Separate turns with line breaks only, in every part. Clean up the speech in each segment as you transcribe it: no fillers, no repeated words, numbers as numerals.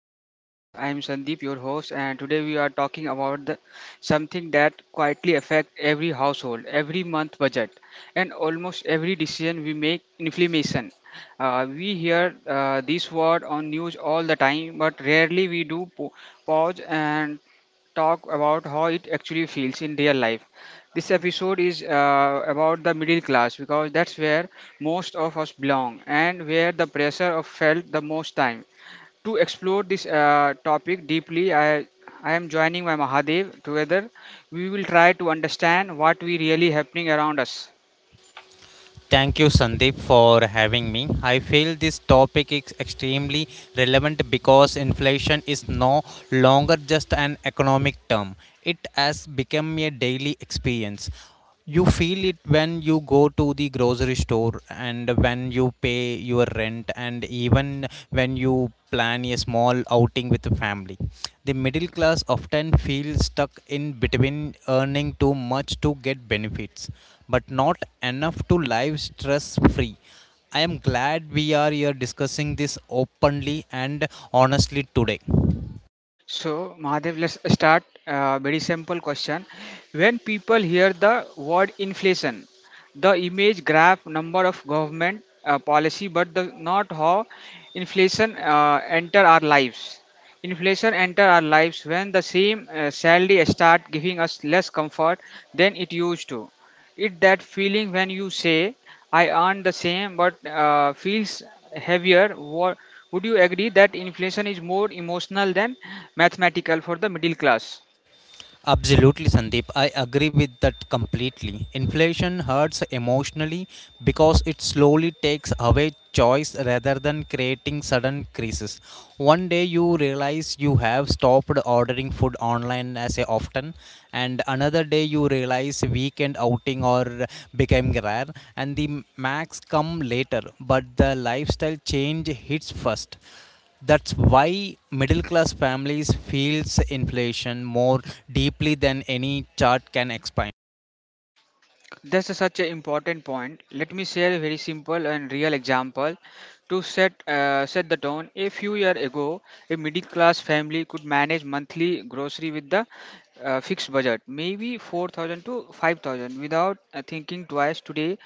today podcast. I am Sandeep, your host, and today we are talking about something that quietly affect every household, every month budget, and almost every decision we make. Inflammation. We hear this word on news all the time, but rarely we do pause and talk about how it actually feels in real life. This episode is about the middle class because that's where most of us belong and where the pressure of felt the most time. To explore this topic deeply, I am joining my Mahadev. Together, we will try to understand what we really happening around us.
Thank you, Sandeep, for having me. I feel this topic is extremely relevant because inflation is no longer just an economic term, it has become a daily experience. You feel it when you go to the grocery store and when you pay your rent, and even when you plan a small outing with the family. The middle class often feels stuck in between earning too much to get benefits but not enough to live stress free. I am glad we are here discussing this openly and honestly today.
So, Mahadev, let's start. Very simple question. When people hear the word inflation, the image grab number of government policy, but not how inflation enter our lives. Inflation enter our lives when the same salary start giving us less comfort than it used to. It that feeling when you say I earn the same but feels heavier. What, would you agree that inflation is more emotional than mathematical for the middle class?
Absolutely, Sandeep. I agree with that completely. Inflation hurts emotionally because it slowly takes away choice rather than creating sudden crises. One day you realize you have stopped ordering food online as a often, and another day you realize weekend outing or became rare, and the max come later. But the lifestyle change hits first, that's why middle class families feels inflation more deeply than any chart can explain.
That's a such an important point. Let me share a very simple and real example to set the tone. A few years ago, a middle class family could manage monthly grocery with the fixed budget, maybe 4,000 to 5,000, without thinking twice. Today,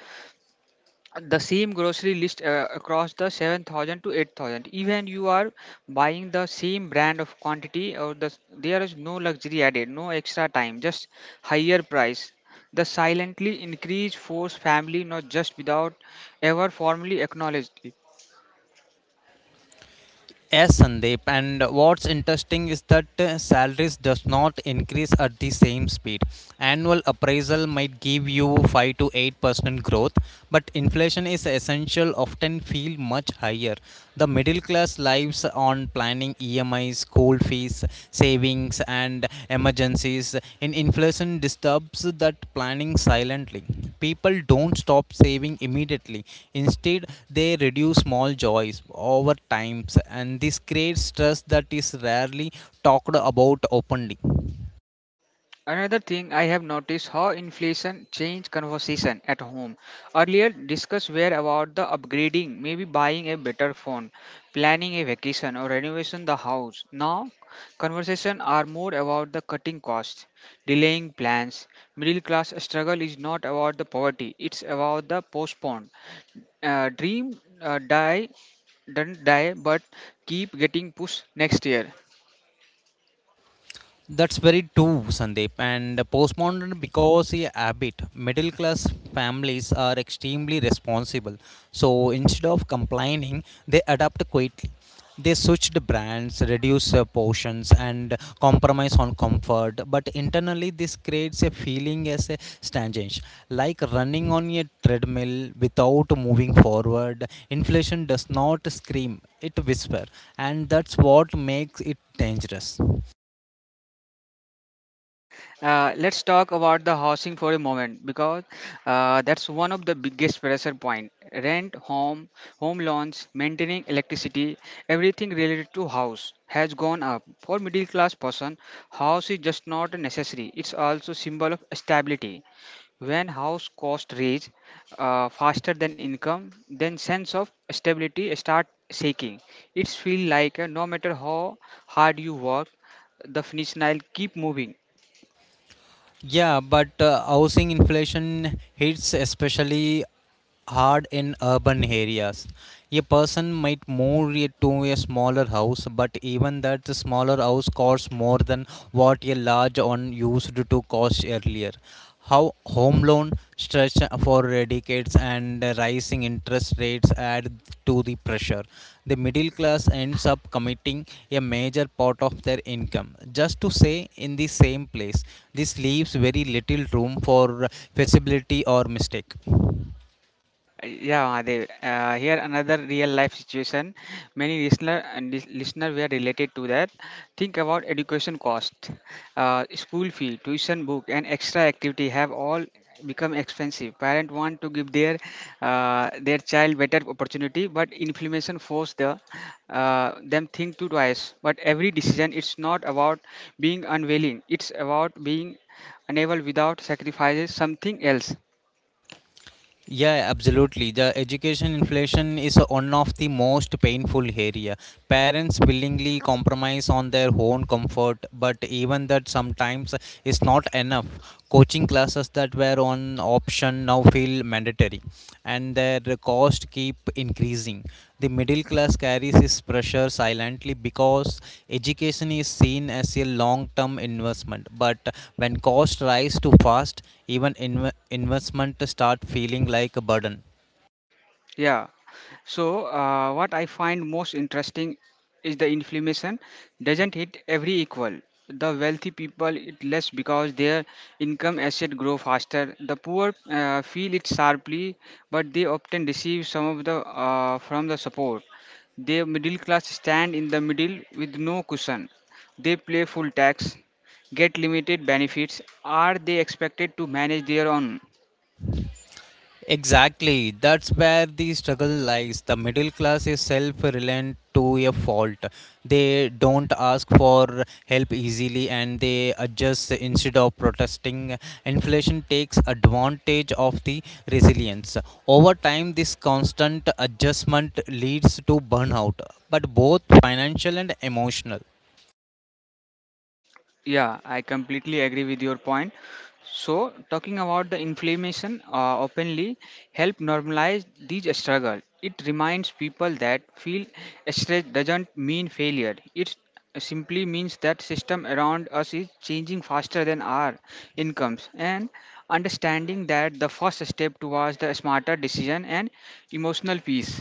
the same grocery list across the 7,000 to 8,000 even you are buying the same brand of quantity or the there is no luxury added, no extra time, just higher price. The silently increase force family not just without ever formally acknowledged.
Yes, Sandeep, and what's interesting is that salaries does not increase at the same speed. Annual appraisal might give you 5 to 8% growth, but inflation is essential often feel much higher. The middle class lives on planning emis, school fees, savings, and emergencies. And inflation disturbs that planning silently. People don't stop saving immediately. Instead, they reduce small joys over times, and this creates stress that is rarely talked about openly.
Another thing I have noticed how inflation changed conversation at home. Earlier discuss were about the upgrading, maybe buying a better phone, planning a vacation or renovation the house. Now conversation are more about the cutting costs, delaying plans. Middle class struggle is not about the poverty, it's about the postponed. Dream die doesn't die but keep getting pushed next year.
That's very true, Sandeep. And postmodern because a habit. Middle class families are extremely responsible. So instead of complaining, they adapt quickly. They switched brands, reduce portions, and compromise on comfort. But internally, this creates a feeling as a stagnation, like running on a treadmill without moving forward. Inflation does not scream; it whisper, and that's what makes it dangerous.
Let's talk about the housing for a moment because that's one of the biggest pressure point. Rent, home loans, maintaining electricity, everything related to house has gone up. For middle class person, house is just not a necessary. It's also symbol of stability. When house cost rise faster than income, then sense of stability start shaking. It's feel like no matter how hard you work, the finish line keep moving.
Yeah, but housing inflation hits especially hard in urban areas. A person might to a smaller house, but even that the smaller house costs more than what a large one used to cost earlier. How home loan stretch for decades and rising interest rates add to the pressure. The middle class ends up committing a major part of their income just to stay in the same place. This leaves very little room for flexibility or mistake.
Yeah, Mahadev. Here another real life situation. Many listener were related to that. Think about education cost, school fee, tuition book, and extra activity have all become expensive. Parent want to give their child better opportunity, but inflation force the them think to twice. But every decision, it's not about being unwilling. It's about being unable without sacrifices something else.
Yeah, absolutely. The education inflation is one of the most painful area. Parents willingly compromise on their own comfort, but even that sometimes is not enough. Coaching classes that were on option now feel mandatory, and their cost keep increasing. The middle class carries this pressure silently because education is seen as a long-term investment. But when costs rise too fast, even investment start feeling like a burden.
Yeah. So what I find most interesting is the inflammation doesn't hit every equal. The wealthy people it less because their income asset grow faster. The poor feel it sharply, but they often receive some of the from the support. The middle class stand in the middle with no cushion. They pay full tax, get limited benefits. Are they expected to manage their own?
Exactly. That's where the struggle lies. The middle class is self reliant to a fault. They don't ask for help easily and they adjust instead of protesting. Inflation takes advantage of the resilience. Over time, this constant adjustment leads to burnout, but both financial and emotional.
Yeah, I completely agree with your point. So, talking about the inflammation openly help normalize these struggle. It reminds people that feel stress doesn't mean failure. It simply means that system around us is changing faster than our incomes and understanding that the first step towards the smarter decision and emotional peace.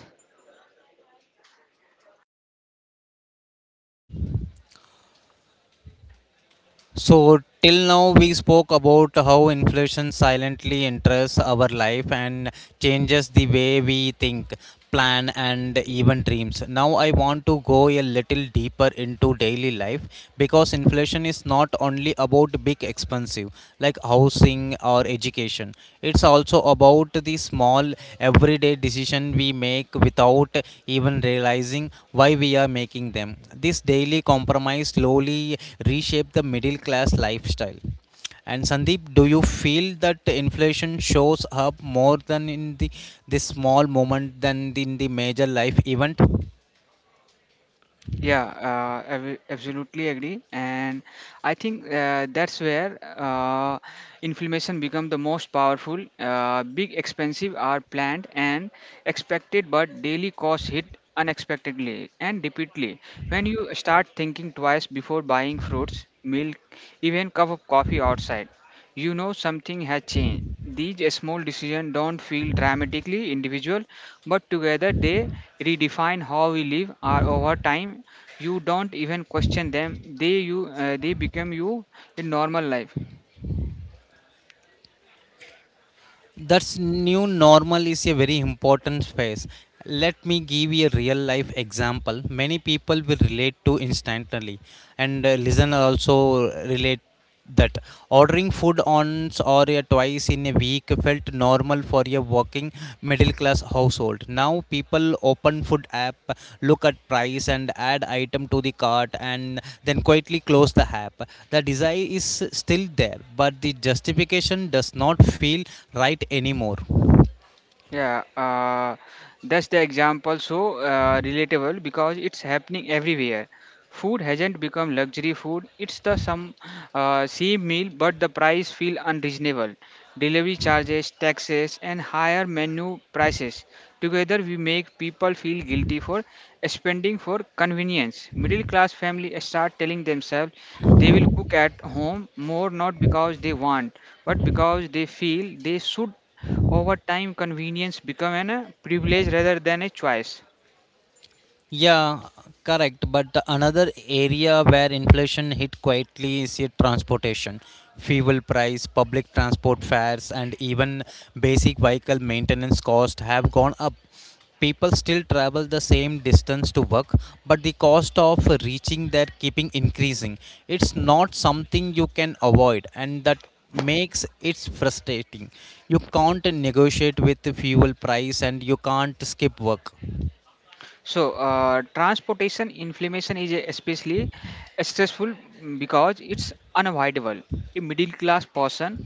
So, till now, we spoke about how inflation silently enters our life and changes the way we think, plan, and even dreams. Now, I want to go a little deeper into daily life because inflation is not only about big expensive like housing or education, it's also about the small everyday decision we make without even realizing why we are making them. This daily compromise slowly reshape the middle class lifestyle. And Sandeep, do you feel that inflation shows up more than in the this small moment than in the major life event?
Yeah, I will absolutely agree, and I think that's where inflammation become the most powerful. Big expensive are planned and expected, but daily costs hit unexpectedly and repeatedly. When you start thinking twice before buying fruits, milk, even cup of coffee outside, you know something has changed. These small decisions don't feel dramatically individual, but together they redefine how we live. Or over time, you don't even question them. They become you in normal life.
That's new normal is a very important phase. Let me give you a real life example. Many people will relate to instantly, and listener also relate that ordering food once or twice in a week felt normal for a working middle class household. Now people open food app, look at price and add item to the cart and then quietly close the app. The desire is still there, but the justification does not feel right anymore.
Yeah, that's the example so relatable because it's happening everywhere. Food hasn't become luxury food. It's the some same meal, but the price feel unreasonable. Delivery charges, taxes, and higher menu prices together we make people feel guilty for spending for convenience. Middle class family start telling themselves they will cook at home more not because they want, but because they feel they should. Over time, convenience become an, a privilege rather than a choice.
Yeah, correct. But the another area where inflation hit quietly is your transportation. Fuel price, public transport fares, and even basic vehicle maintenance cost have gone up. People still travel the same distance to work, but the cost of reaching there keeping increasing. It's not something you can avoid, and that makes it frustrating. You can't negotiate with the fuel price, and you can't skip work.
So, transportation inflammation is especially stressful because it's unavoidable. A middle class person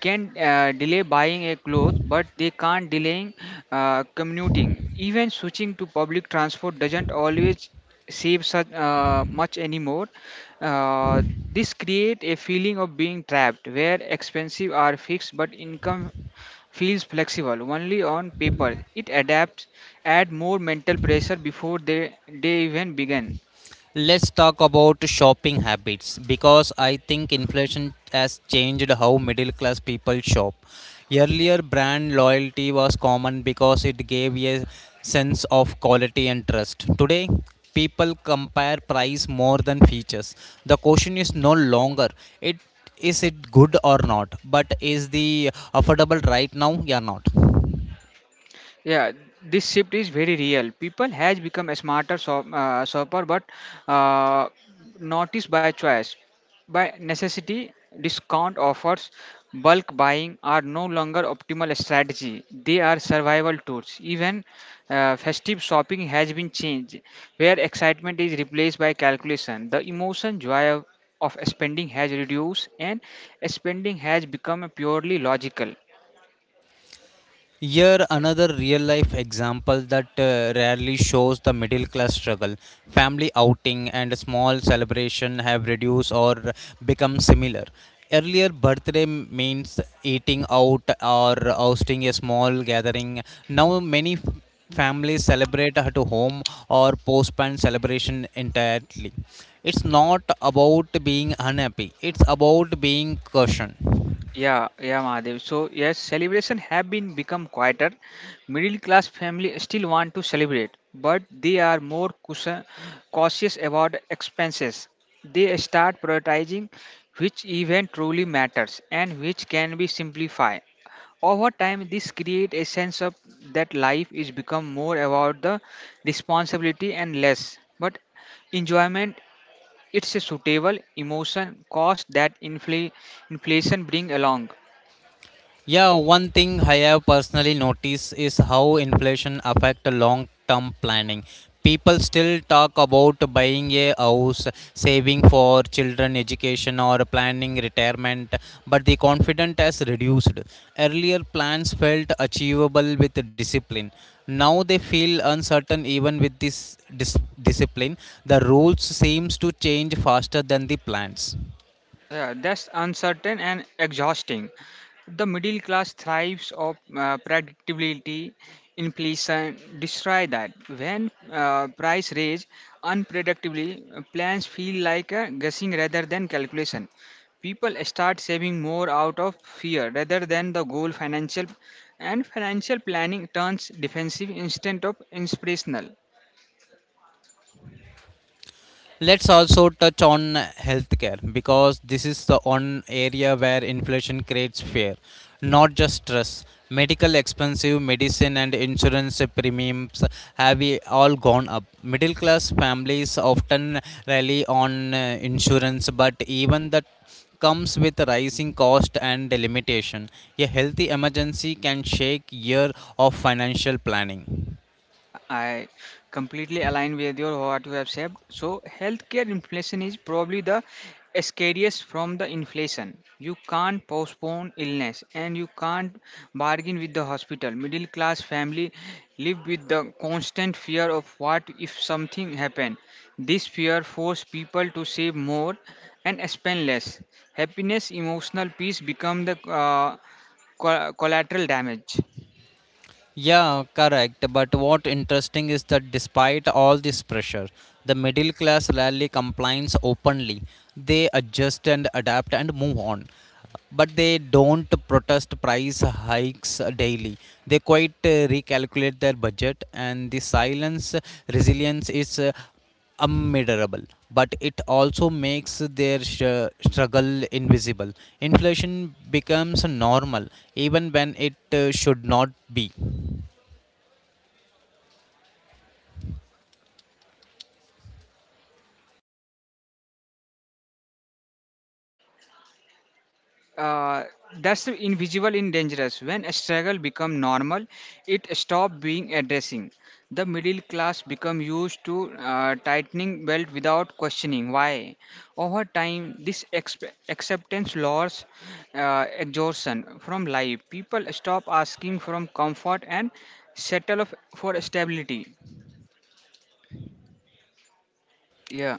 can delay buying a cloth, but they can't delay commuting. Even switching to public transport doesn't always save such much anymore. Uh, this create a feeling of being trapped, where expensive are fixed but income feels flexible only on paper. It adapts, add more mental pressure before they even begin.
Let's talk about shopping habits because I think inflation has changed how middle class people shop. Earlier, brand loyalty was common because it gave a sense of quality and trust. Today, people compare price more than features. The question is no longer it, is it good or not, but is the affordable right now or not?
Yeah, this shift is very real. People has become a shopper but uh, not by choice, by necessity. Discount offers, bulk buying are no longer optimal strategy, they are survival tools. Even festive shopping has been changed, where excitement is replaced by calculation. The emotion joy of spending has reduced and spending has become purely logical.
Here, another real life example that rarely shows the middle class struggle. Family outing and small celebration have reduced or become similar. Earlier, birthday means eating out or hosting a small gathering. Now, many families celebrate at home or postpone celebration entirely. It's not about being unhappy, it's about being caution.
Yeah, yeah, Mahadev. So yes, celebration have been become quieter. Middle class family still want to celebrate, but they are more cautious about expenses. They start prioritizing which event truly matters and which can be simplified. Over time, this creates a sense of that life is become more about the responsibility and less, but enjoyment. It's a suitable emotion cost that inflation bring along.
Yeah, one thing I have personally noticed is how inflation affect long-term planning. People still talk about buying a house, saving for children education or planning retirement, but the confidence has reduced. Earlier plans felt achievable with discipline. Now they feel uncertain even with discipline. The rules seems to change faster than the plans.
Yeah, that's uncertain and exhausting. The middle class thrives of predictability. Inflation destroy that. When price rise unpredictably, plans feel like a guessing rather than calculation. People start saving more out of fear rather than the goal. Financial planning turns defensive instead of inspirational.
Let's also touch on healthcare because this is the one area where inflation creates fear, not just stress. Medical expensive medicine and insurance premiums all gone up. Middle class families often rely on insurance, but even that comes with rising cost and limitation. A healthy emergency can shake year of financial planning.
Yeah, I completely align with your what you have said. So, healthcare inflation is probably the scariest from the inflation. You can't postpone illness and you can't bargain with the hospital. Middle class family live with the constant fear of what if something happen. This fear force people to save more and spend less. Happiness, emotional peace become the uh, collateral damage.
Yeah, correct. But what interesting is that despite all this pressure, the middle class rarely complies openly. They adjust and adapt and move on. But they don't protest price hikes daily. They quite recalculate their budget, and the silence resilience is unmeasurable. But it also makes their struggle invisible. Inflation becomes normal, even when it should not be.
uh, that's invisible and dangerous. When a struggle become normal, it stop being addressing. The middle class become used to tightening belt without questioning why. Over time, this acceptance lowers exhaustion from life. People stop asking from comfort and settle for stability. Yeah.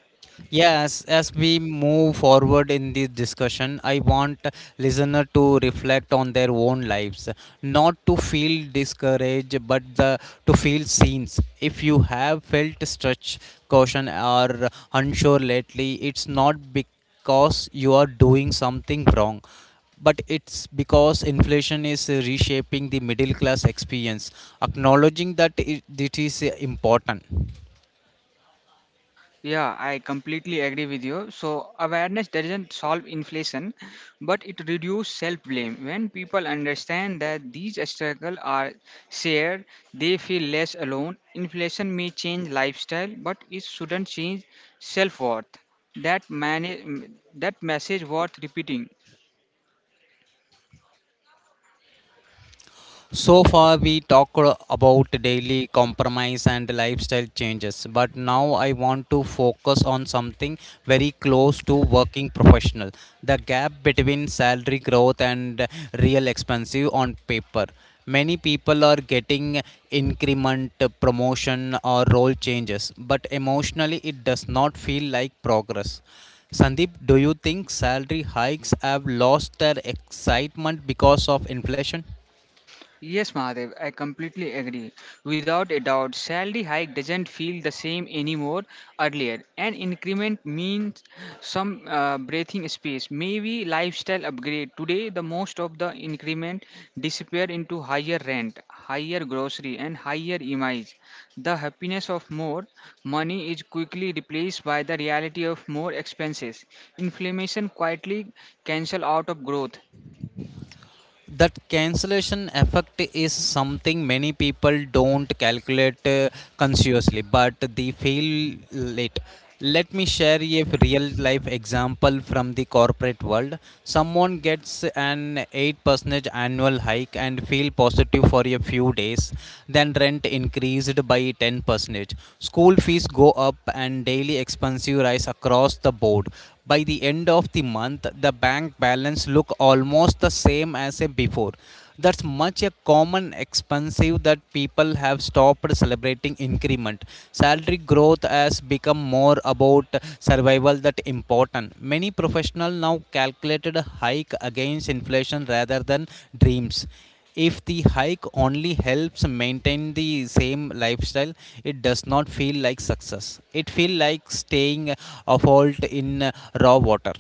Yes, as we move forward in this discussion, I want listener to reflect on their own lives, not to feel discouraged, but to feel seen. If you have felt stretch, caution or unsure lately, it's not because you are doing something wrong, but it's because inflation is reshaping the middle class experience. Acknowledging that it is important.
Yeah, I completely agree with you. So, awareness doesn't solve inflation, but it reduces self blame. When people understand that these struggles are shared, they feel less alone. Inflation may change lifestyle, but it shouldn't change self worth. That message worth repeating.
So far, we talked about daily compromise and lifestyle changes, but now I want to focus on something very close to working professional, the gap between salary growth and real expenses on paper. Many people are getting increment, promotion, or role changes, but emotionally it does not feel like progress. Sandeep, do you think salary hikes have lost their excitement because of inflation?
Yes, Mahadev, I completely agree. Without a doubt, salary hike doesn't feel the same anymore earlier. An increment means some breathing space, maybe lifestyle upgrade. Today, the most of the increment disappear into higher rent, higher grocery, and higher image. The happiness of more money is quickly replaced by the reality of more expenses. Inflammation quietly cancel out of growth.
That cancellation effect is something many people don't calculate consciously, but they feel late. Let me share a real life example from the corporate world. Someone gets an 8% annual hike and feel positive for a few days, then rent increased by 10%, school fees go up and daily expenses rise across the board. By the end of the month, the bank balance look almost the same as before. That's much a common expensive that people have stopped celebrating increment. Salary growth has become more about survival that important. Many professionals now calculated a hike against inflation rather than dreams. If the hike only helps maintain the same lifestyle, it does not feel like success, it feel like staying afloat in raw water.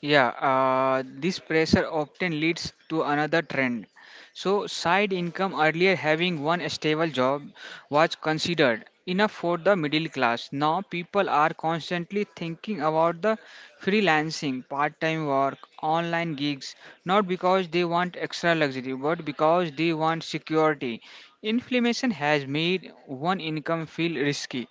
Yeah, this pressure often leads to another trend. So, side income earlier having one stable job was considered enough for the middle class. Now, people are constantly thinking about the freelancing, part time work, online gigs, not because they want extra luxury, but because they want security. Inflation has made one income feel risky.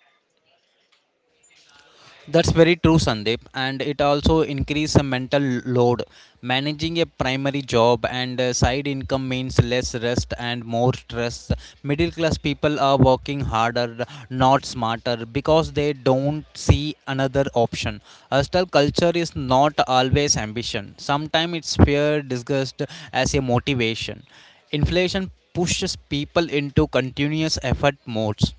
That's very true, Sandeep, and it also increases mental load. Managing a primary job and side income means less rest and more stress. Middle class people are working harder, not smarter, because they don't see another option. Hustle culture is not always ambition. Sometimes it's fear disguised as a motivation. Inflation pushes people into continuous effort modes.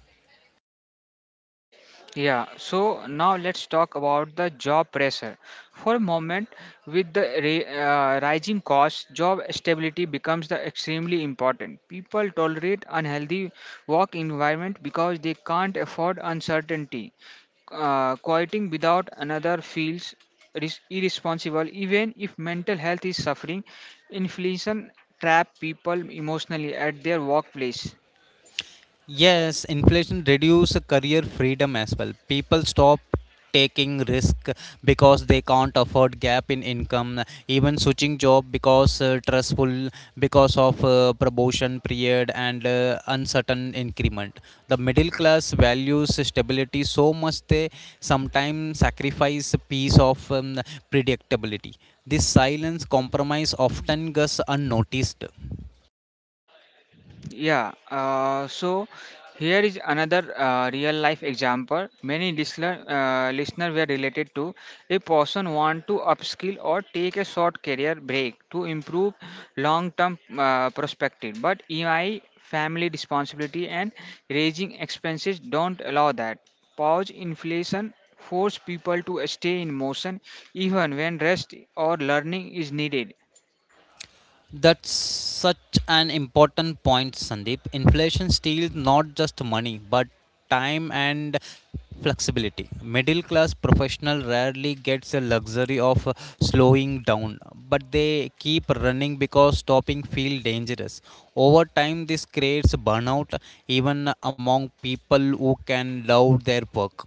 Yeah, so now let's talk about the job pressure. For a moment, with the rising costs, job stability becomes the extremely important. People tolerate unhealthy work environment because they can't afford uncertainty. Quieting without another feels irresponsible, even if mental health is suffering. Inflation trap people emotionally at their workplace.
Yes, inflation reduce career freedom as well. People stop taking risk because they can't afford gap in income, even switching job because stressful, because of promotion period and uncertain increment. The middle class values stability so much, they sometimes sacrifice a piece of predictability. This silence compromise often goes unnoticed.
Yeah, so here is another real life example. Many listener were related to a person want to upskill or take a short career break to improve long term perspective, but EI family responsibility and raising expenses don't allow that. Pause inflation force people to stay in motion even when rest or learning is needed.
That's such an important point, Sandeep. Inflation steals not just money, but time and flexibility. Middle class professional rarely gets the luxury of slowing down, but they keep running because stopping feels dangerous. Over time, this creates burnout even among people who can love their work.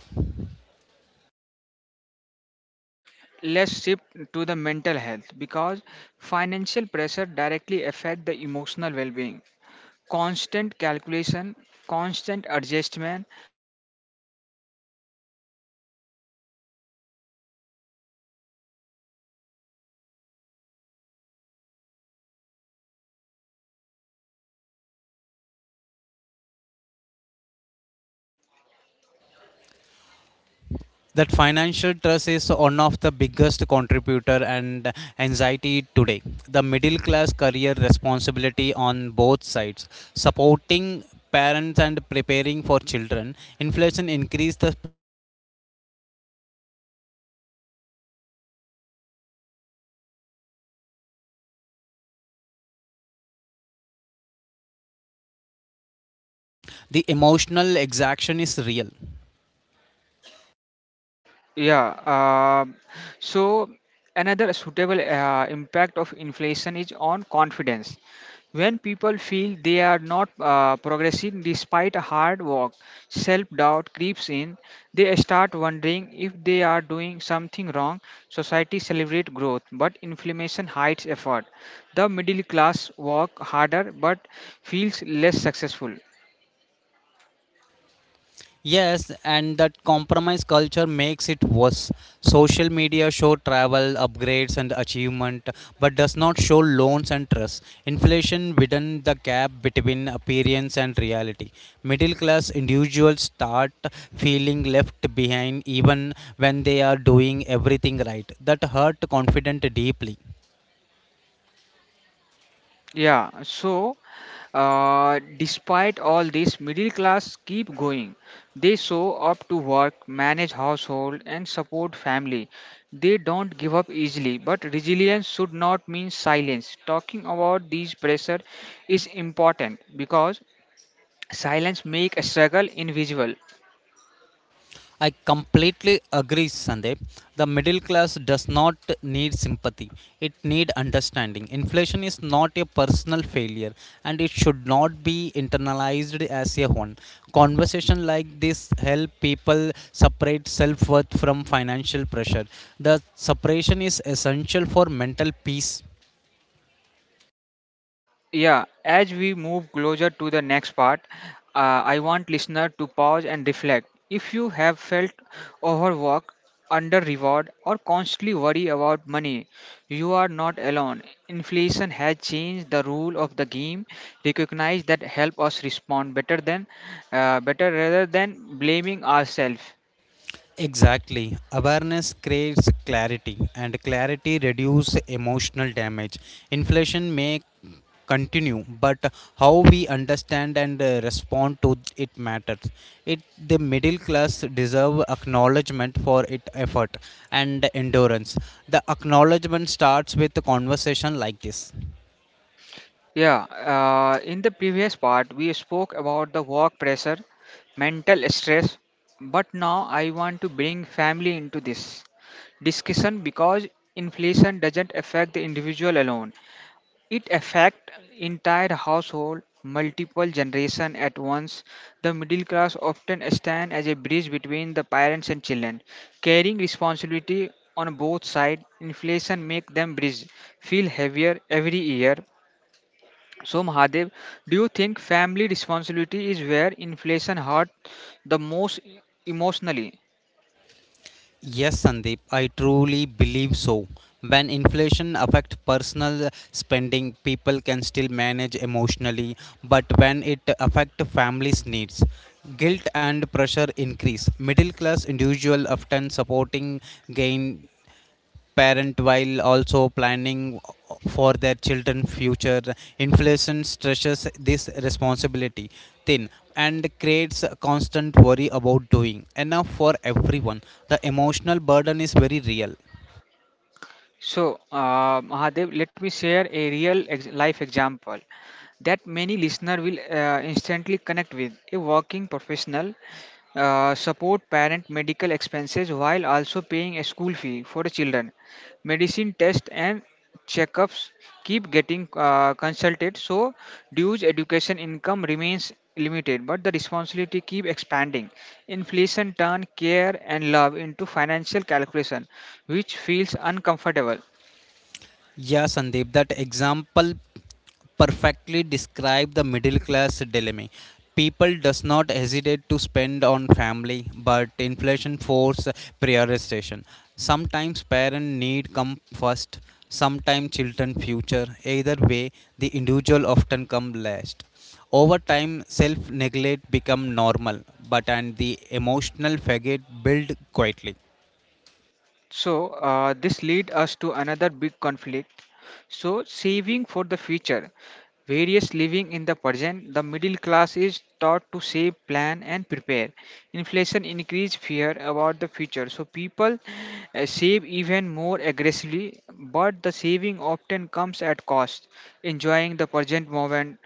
Let's shift to the mental health because financial pressure directly affect the emotional well-being. Constant calculation, constant adjustment, and constant worry take to a toll. Even a small purchases come with the guilt. Start questioning every expensive including things that bring happiness.
That financial trust is one of the biggest contributor and anxiety today. The middle class career responsibility on both sides, supporting parents and preparing for children, inflation increase the pressure without warning. People may look fine externally, but internally they are tired of planning cutting and worrying. The emotional exhaustion is real.
Yeah. Um, so another suitable impact of inflation is on confidence. When people feel they are not progressing despite hard work, self doubt creeps in. They start wondering if they are doing something wrong. Society celebrates growth, but inflammation hides effort. The middle class work harder but feels less successful.
Yes, and that compromise culture makes it worse. Social media show travel, upgrades and achievement, but does not show loans and trust. Inflation widen the gap between appearance and reality. Middle class individuals start feeling left behind even when they are doing everything right. That hurt confident deeply.
Yeah, so despite all this, middle class keep going. They show up to work, manage household, and support family. They don't give up easily, but resilience should not mean silence. Talking about these pressure is important because silence make a struggle invisible.
I completely agree, Sandeep. The middle class does not need sympathy. It need understanding. Inflation is not a personal failure and it should not be internalized as a one. Conversation like this help people separate self-worth from financial pressure. The separation is essential for mental peace.
Yeah, as we move closer to the next part, I want listener to pause and reflect. If you have felt overworked, under reward, or constantly worry about money, you are not alone. Inflation has changed the rule of the game. Recognize that help us respond better rather than blaming ourselves.
Exactly. Awareness creates clarity, and clarity reduces emotional damage. Inflation may continue, but how we understand and respond to it matters. It the middle class deserve acknowledgement for its effort and endurance. The acknowledgement starts with a conversation like this.
Yeah, in the previous part, we spoke about the work pressure, mental stress, but now I want to bring family into this discussion because inflation doesn't affect the individual alone. It affects entire household, multiple generation at once. The middle class often stand as a bridge between the parents and children, carrying responsibility on both sides. Inflation make them bridge feel heavier every year. So Mahadev, do you think family responsibility is where inflation hurt the most emotionally?
Yes, Sandeep, I truly believe so. When inflation affects personal spending, people can still manage emotionally, but when it affects families' needs, guilt and pressure increase. Middle class individual often supporting gain parent while also planning for their children future. Inflation stresses this responsibility thin and creates a constant worry about doing enough for everyone. The emotional burden is very real.
So Mahadev, let me share a life example that many listener will instantly connect with. A working professional support parent medical expenses while also paying a school fee for the children, medicine tests and checkups keep getting consulted. So dues education income remains limited, but the responsibility keep expanding. Inflation turn care and love into financial calculation, which feels uncomfortable.
Yeah, Sandeep, that example perfectly describe the middle class dilemma. People does not hesitate to spend on family, but inflation force prioritization. Sometimes parent need come first, sometimes children future. Either way, the individual often come last. Over time, self neglect become normal, but and the emotional faggot build quietly.
So this lead us to another big conflict. So, saving for the future. Various living in the present, the middle class is taught to save, plan, and prepare. Inflation increase fear about the future, so people save even more aggressively. But the saving often comes at cost. Enjoying the present moment.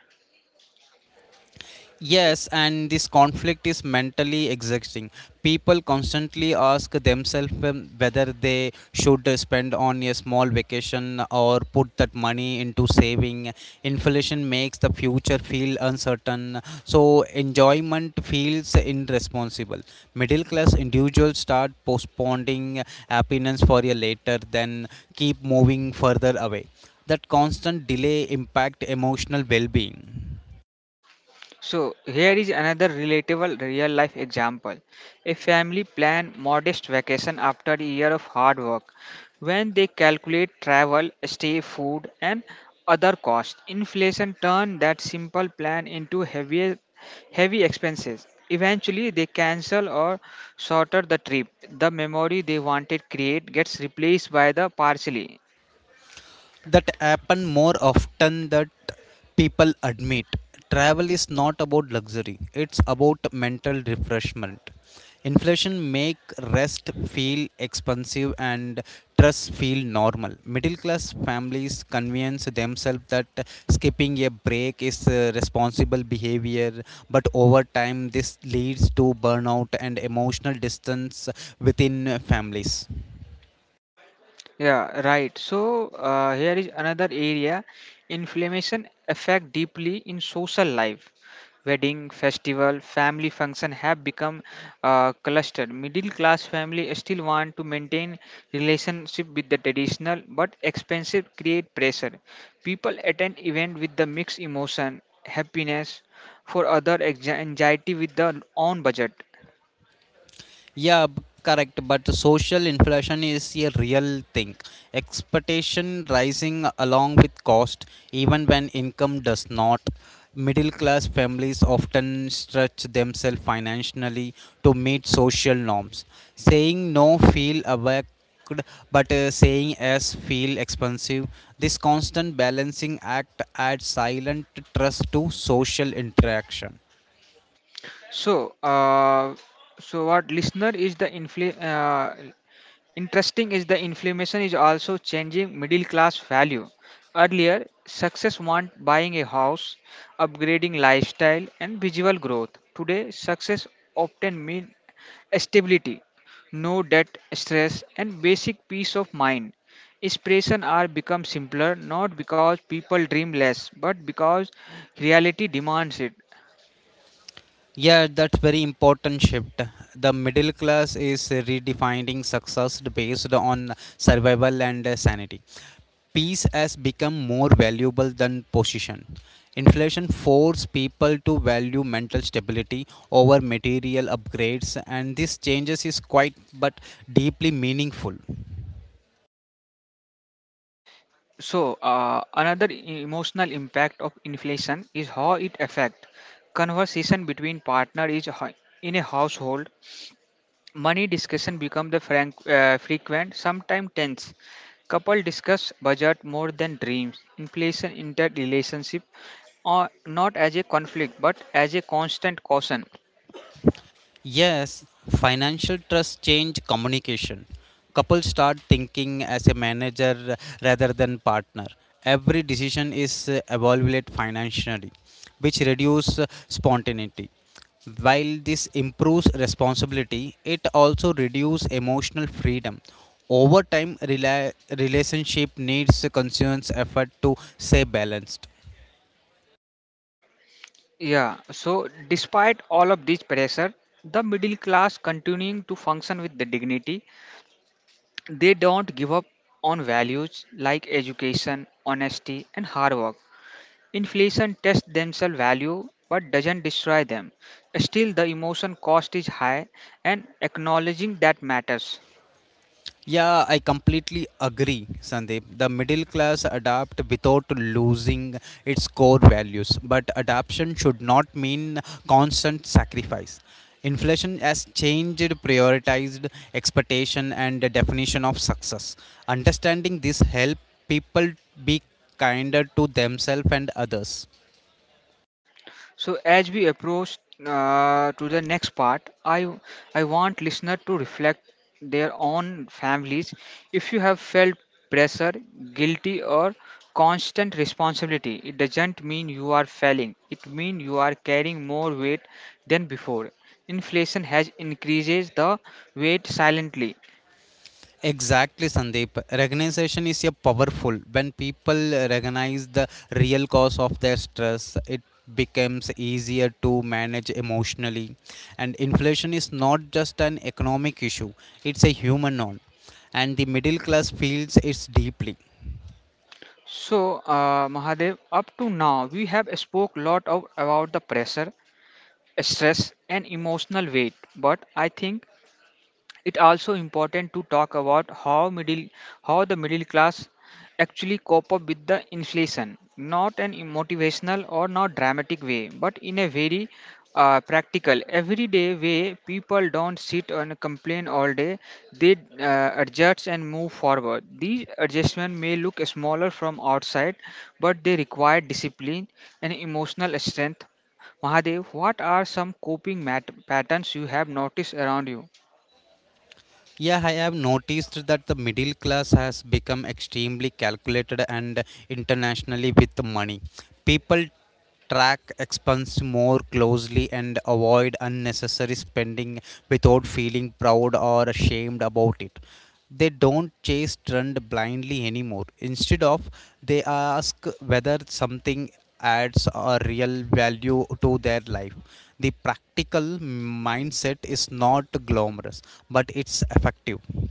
Yes, and this conflict is mentally exhausting. People constantly ask themselves whether they should spend on a small vacation or put that money into saving. Inflation makes the future feel uncertain, so enjoyment feels irresponsible. Middle class individuals start postponing happiness for a later, then keep moving further away. That constant delay impact emotional well-being.
So, here is another relatable real life example. A family plan modest vacation after a year of hard work. When they calculate travel, stay, food, and other costs, inflation turned that simple plan into heavy, heavy expenses. Eventually, they cancel or shorter the trip. The memory they wanted create gets replaced by the partially.
That happen more often that people admit. Travel is not about luxury, it's about mental refreshment. Inflation make rest feel expensive and trust feel normal. Middle class families convince themselves that skipping a break is responsible behavior, but over time this leads to burnout and emotional distance within families.
Yeah, right. So here is another area inflammation affect deeply in social life. Wedding, festival, family function have become clustered. Middle class family still want to maintain relationship with the traditional, but expensive create pressure. People attend event with the mixed emotion, happiness, for other anxiety with the own budget.
Yeah, correct. But social inflation is a real thing. Expectation rising along with cost, even when income does not. Middle class families often stretch themselves financially to meet social norms. Saying no feel awake, but saying yes feel expensive. This constant balancing act adds silent trust to social interaction.
So so what listener is the interesting is the inflammation is also changing middle class value. Earlier, success meant buying a house, upgrading lifestyle, and visual growth. Today, success often means stability, no debt, stress, and basic peace of mind. Inspiration are become simpler, not because people dream less, but because reality demands it.
Yeah, that's very important shift. The middle class is redefining success based on survival and sanity. Peace has become more valuable than position. Inflation forced people to value mental stability over material upgrades, and this changes is quite but deeply meaningful.
So, another emotional impact of inflation is how it affects conversation between partner is in a household. Money discussion become the frequent, sometimes tense. Couple discuss budget more than dreams. Inflation inter relationship, or not as a conflict but as a constant caution.
Yes, financial trust change communication. Couples start thinking as a manager rather than partner. Every decision is evaluated financially, which reduce spontaneity. While this improves responsibility, it also reduces emotional freedom. Over time, relationship needs a conscious effort to stay balanced.
Yeah. So, despite all of this pressure, the middle class continuing to function with the dignity. They don't give up on values like education, honesty, and hard work. Inflation tests themselves value but doesn't destroy them. Still, the emotion cost is high, and acknowledging that matters.
Yeah, I completely agree, Sandeep. The middle class adapt without losing its core values, but adaptation should not mean constant sacrifice. Inflation has changed prioritized expectation and the definition of success. Understanding this help people be kinder to themselves and others.
So as we approach to the next part, I want listener to reflect their own families. If you have felt pressure, guilty, or constant responsibility, it doesn't mean you are failing. It means you are carrying more weight than before. Inflation has increases the weight silently.
Exactly, Sandeep. Recognition is a powerful. When people recognize the real cause of their stress, it becomes easier to manage emotionally. And inflation is not just an economic issue; it's a human one, and the middle class feels it deeply.
So Mahadev, up to now we have spoke lot of about the pressure, stress and emotional weight, but I think it also important to talk about how middle how the middle class actually cope up with the inflation, not an motivational or not dramatic way, but in a very practical, everyday way. People don't sit and complain all day; they adjust and move forward. These adjustments may look smaller from outside, but they require discipline and emotional strength. Mahadev, what are some coping patterns you have noticed around you?
Yeah, I have noticed that the middle class has become extremely calculated and internationally with money. People track expense more closely and avoid unnecessary spending without feeling proud or ashamed about it. They don't chase trend blindly anymore. Instead of they ask whether something adds a real value to their life. The practical mindset is not glamorous, but it's effective.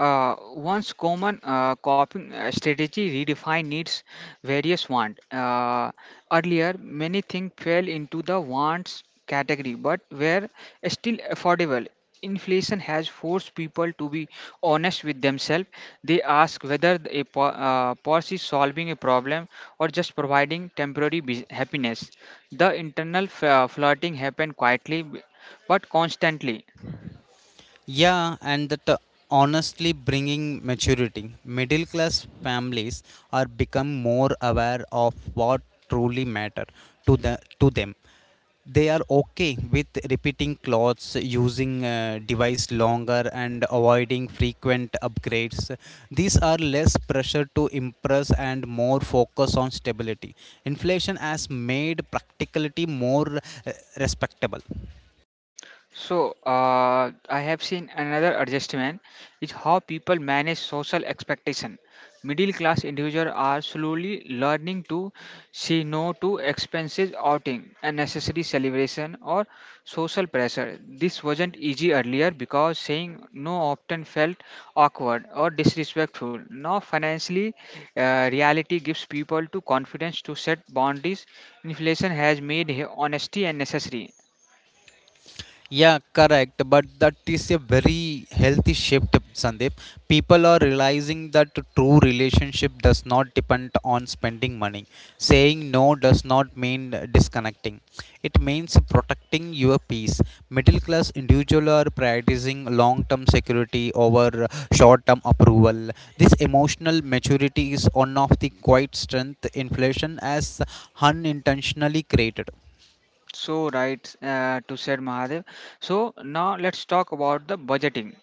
One's common coping strategy redefine needs various want. Earlier, many things fell into the wants category, but were still affordable. Inflation has forced people to be honest with themselves. They ask whether a pause is solving a problem or just providing temporary happiness. The internal flirting happened quietly but constantly.
Yeah, and that honestly bringing maturity. Middle class families are become more aware of what truly matter to them. They are okay with repeating clothes, using device longer and avoiding frequent upgrades. These are less pressure to impress and more focus on stability. Inflation has made practicality more uh, respectable.
So, I have seen another adjustment is how people manage social expectation. Middle class individuals are slowly learning to say no to expensive outing, unnecessary celebration, or social pressure. This wasn't easy earlier because saying no often felt awkward or disrespectful. Now, financially, reality gives people to confidence to set boundaries. Inflation has made honesty unnecessary.
Yeah, correct. But that is a very healthy shift, Sandeep. People are realizing that true relationship does not depend on spending money. Saying no does not mean disconnecting. It means protecting your peace. Middle class individuals are prioritizing long term security over short term approval. This emotional maturity is one of the quiet strength inflation has unintentionally created.
So right to said Mahadev. So now let's talk about the budgeting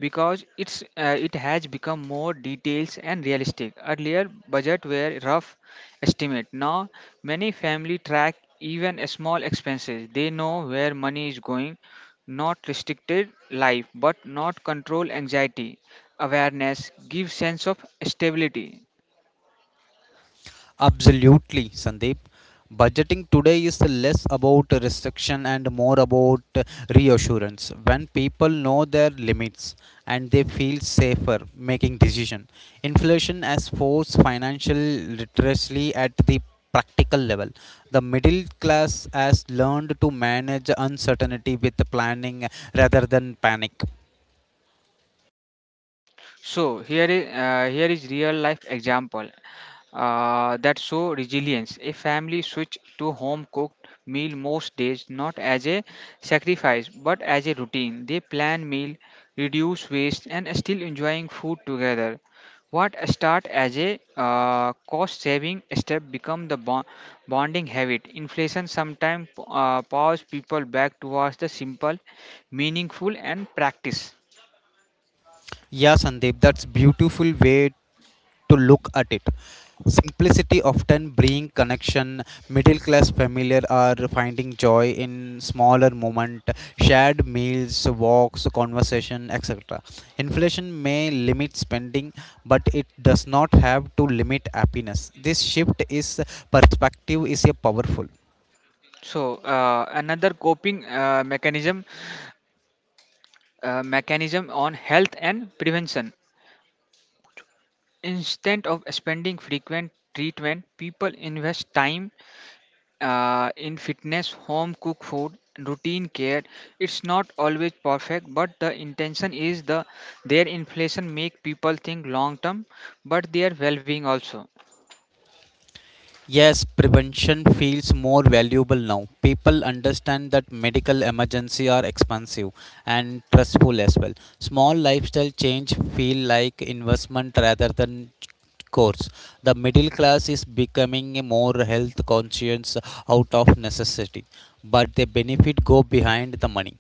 because it has become more details and realistic. Earlier budget were rough estimate. Now many family track even a small expenses. They know where money is going. Not restricted life, but not control anxiety. Awareness gives sense of stability.
Absolutely, Sandeep. Budgeting today is less about restriction and more about reassurance. When people know their limits and they feel safer making decision, inflation has forced financial literacy at the practical level. The middle class has learned to manage uncertainty with planning rather than panic.
So here is real life example that show resilience. A family switch to home cooked meal most days, not as a sacrifice but as a routine. They plan meal, reduce waste, and still enjoying food together. What start as a cost saving step become the bonding habit. Inflation sometimes powers people back towards the simple, meaningful, and practice.
Yeah, Sandeep, that's beautiful way to look at it. Simplicity often bring connection. Middle class families are finding joy in smaller moment, shared meals, walks, conversation, etc. Inflation may limit spending, but it does not have to limit happiness. This shift is perspective is a powerful.
So another coping mechanism on health and prevention. Instead of spending frequent treatment, people invest time in fitness, home cooked food, routine care. It's not always perfect, but the intention is the their inflation make people think long term, but their well-being also.
Yes, prevention feels more valuable now. People understand that medical emergency are expensive and stressful as well. Small lifestyle change feel like investment rather than course. The middle class is becoming a more health conscious out of necessity, but the benefit go behind the money.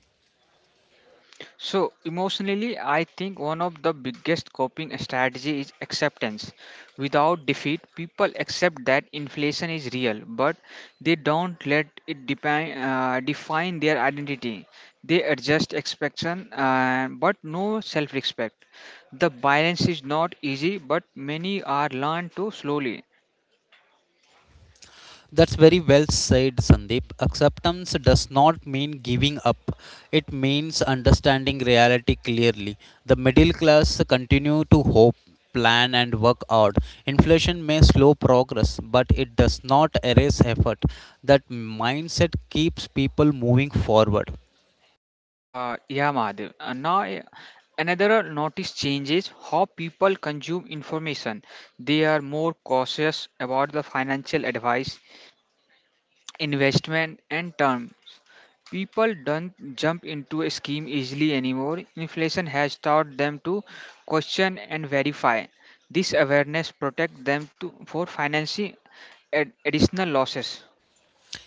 So emotionally, I think one of the biggest coping strategy is acceptance. Without defeat, people accept that inflation is real, but they don't let it define their identity. They adjust expectation, but no self-respect. The balance is not easy, but many are learned to slowly.
That's very well said, Sandeep. Acceptance does not mean giving up. It means understanding reality clearly. The middle class continue to hope, plan and work hard. Inflation may slow progress, but it does not erase effort. That mindset keeps people moving forward.
Yeah, Mahadev. And now, another notice change is how people consume information. They are more cautious about the financial advice, investment, and term. People don't jump into a scheme easily anymore. Inflation has taught them to question and verify. This awareness protects them to, for financing additional losses.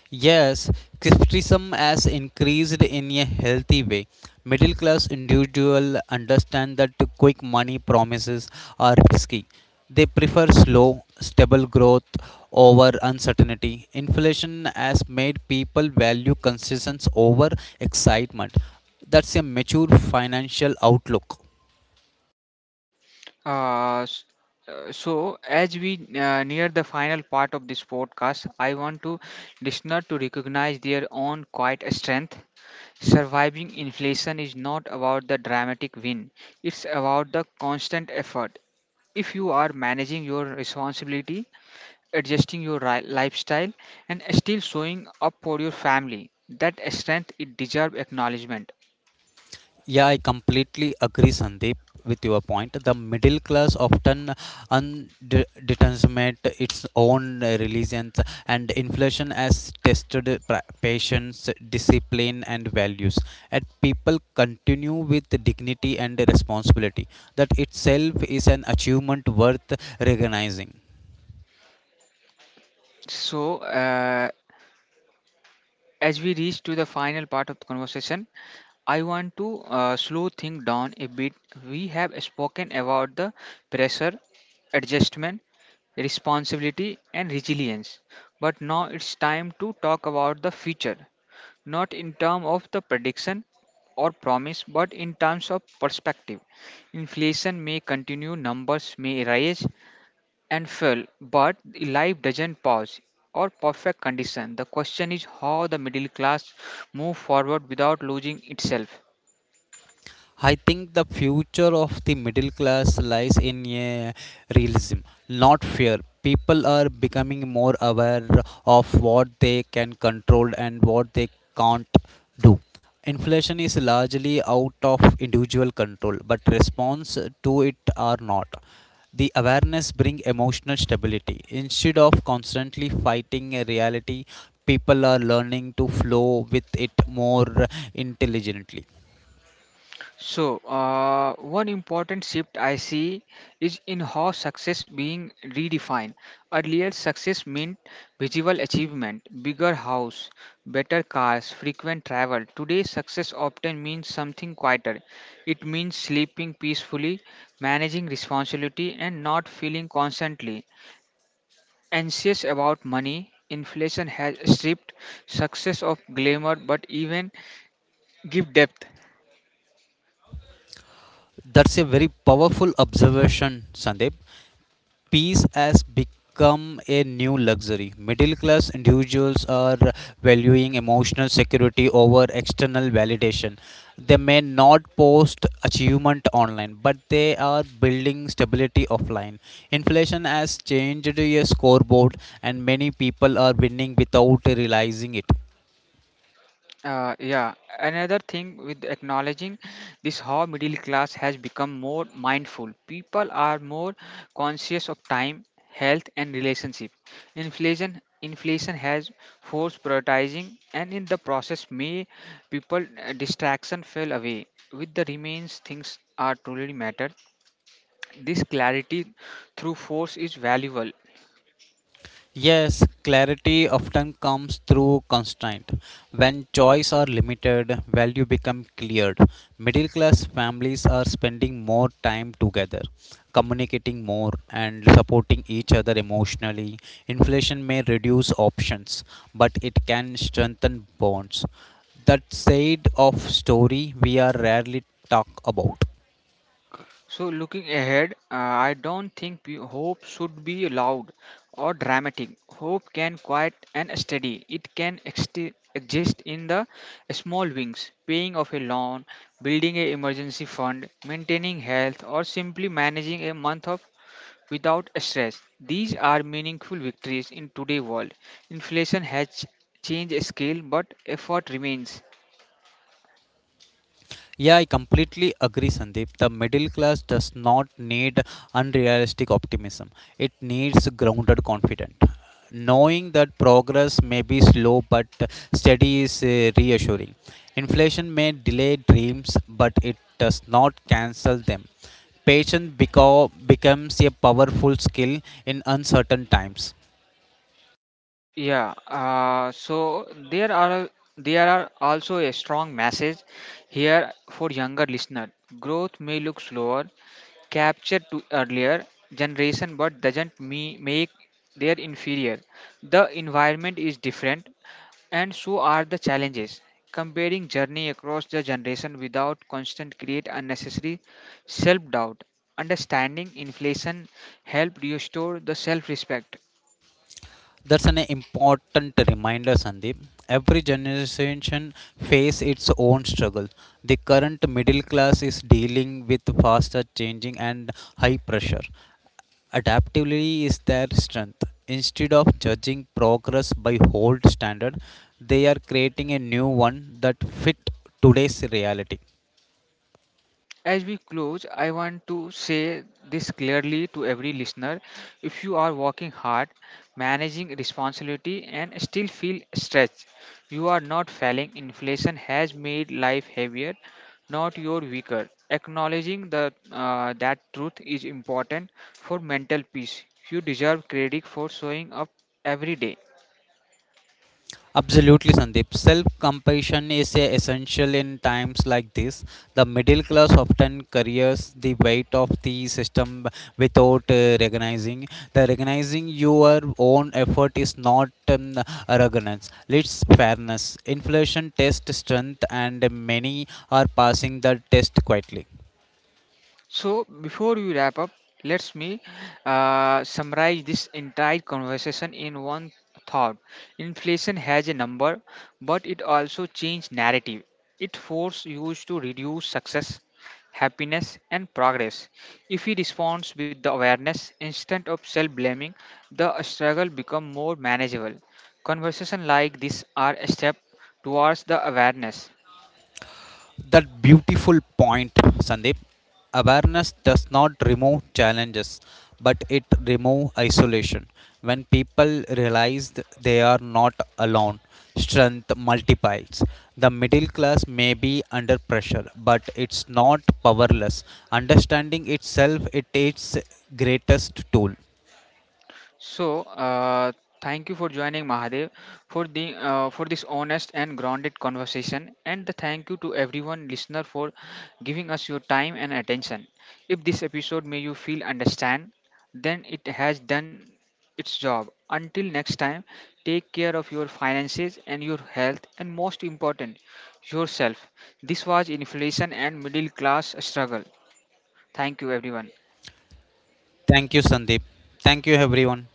Yes, criticism has increased in a healthy way. Middle class individuals understand that quick money promises are risky. They prefer slow, stable growth over uncertainty. Inflation has made people value consistency over excitement. That's a mature financial outlook.
Uh, s- so, as we near the final part of this podcast, I want to listener to recognize their own quiet strength. Surviving inflation is not about the dramatic win; it's about the constant effort. If you are managing your responsibility, adjusting your lifestyle, and still showing up for your family, that strength it deserves acknowledgement.
Yeah, I completely agree, Sandeep, with your point. The middle class often undeterminate its own religions, and inflation has tested patience, discipline, and values. And people continue with dignity and responsibility. That itself is an achievement worth recognizing.
So, as we reach to the final part of the conversation, I want to slow things down a bit. We have spoken about the pressure, adjustment, responsibility, and resilience. But now it's time to talk about the future, not in terms of the prediction or promise, but in terms of perspective. Inflation may continue, numbers may rise and fall, but life doesn't pause or perfect condition. The question is how the middle class move forward without losing itself.
I think the future of the middle class lies in a realism, not fear. People are becoming more aware of what they can control and what they can't do. Inflation is largely out of individual control, but response to it are not. The awareness brings emotional stability. Instead of constantly fighting a reality, people are learning to flow with it more intelligently.
So, one important shift I see is in how success being redefined. Earlier, success meant visual achievement, bigger house, better cars, frequent travel. Today, success often means something quieter. It means sleeping peacefully, managing responsibility, and not feeling constantly anxious about money. Inflation has stripped success of glamour but even give depth.
That's a very powerful observation, Sandeep. Peace has become a new luxury. Middle class individuals are valuing emotional security over external validation. They may not post achievement online, but they are building stability offline. Inflation has changed a scoreboard, and many people are winning without realizing it.
Yeah, another thing with acknowledging this how middle class has become more mindful. People are more conscious of time, health, and relationship. Inflation has forced prioritizing, and in the process, may people distraction fell away. With the remains, things are truly matter. This clarity through force is valuable.
Yes, clarity often comes through constraint. When choice are limited, value become cleared. Middle class families are spending more time together, communicating more and supporting each other emotionally. Inflation may reduce options, but it can strengthen bonds. That side of story we are rarely talk about.
So, looking ahead, I don't think hope should be loud or dramatic. Hope can quiet and steady. It can exist in the small wings, paying off a loan, building an emergency fund, maintaining health, or simply managing a month of without stress. These are meaningful victories in today's world. Inflation has changed scale, but effort remains.
Yeah, I completely agree, Sandeep. The middle class does not need unrealistic optimism, it needs grounded confidence. Knowing that progress may be slow but steady is reassuring. Inflation may delay dreams, but it does not cancel them. Patience becomes a powerful skill in uncertain times.
Yeah, so there are also a strong message here for younger listener. Growth may look slower, captured to earlier generation, but doesn't me make their inferior. The environment is different, and so are the challenges. Comparing journey across the generation without constant create unnecessary self doubt. Understanding inflation help restore the self respect.
That's an important reminder, Sandeep. Every generation face its own struggle. The current middle class is dealing with faster changing and high pressure. Adaptability is their strength. Instead of judging progress by old standard, they are creating a new one that fit today's reality.
As we close, I want to say this clearly to every listener. If you are working hard, managing responsibility, and still feel stretched, you are not failing. Inflation has made life heavier, not your weaker. Acknowledging that truth is important for mental peace. You deserve credit for showing up every day.
Absolutely, Sandeep. Self compassion is a essential in times like this. The middle class often carries the weight of the system without recognizing. The recognizing your own effort is not arrogance, it's fairness. Inflation tests strength, and many are passing the test quietly.
So before we wrap up, let's me summarize this entire conversation in one thought. Inflation has a number, but it also changed narrative. It forces you to reduce success, happiness, and progress. If we respond with the awareness instead of self-blaming, the struggle becomes more manageable. Conversations like this are a step towards the awareness.
That beautiful point, Sandeep. Awareness does not remove challenges, but it removes isolation. When people realize they are not alone, strength multiplies. The middle class may be under pressure, but it's not powerless. Understanding itself, it is its greatest tool.
So, thank you for joining Mahadev for the for this honest and grounded conversation, and the thank you to everyone listener for giving us your time and attention. If this episode made you feel understand, then it has done its job. Until next time, take care of your finances and your health, and most important, yourself. This was inflation and middle class struggle. Thank you, everyone.
Thank you, Sandeep. Thank you, everyone.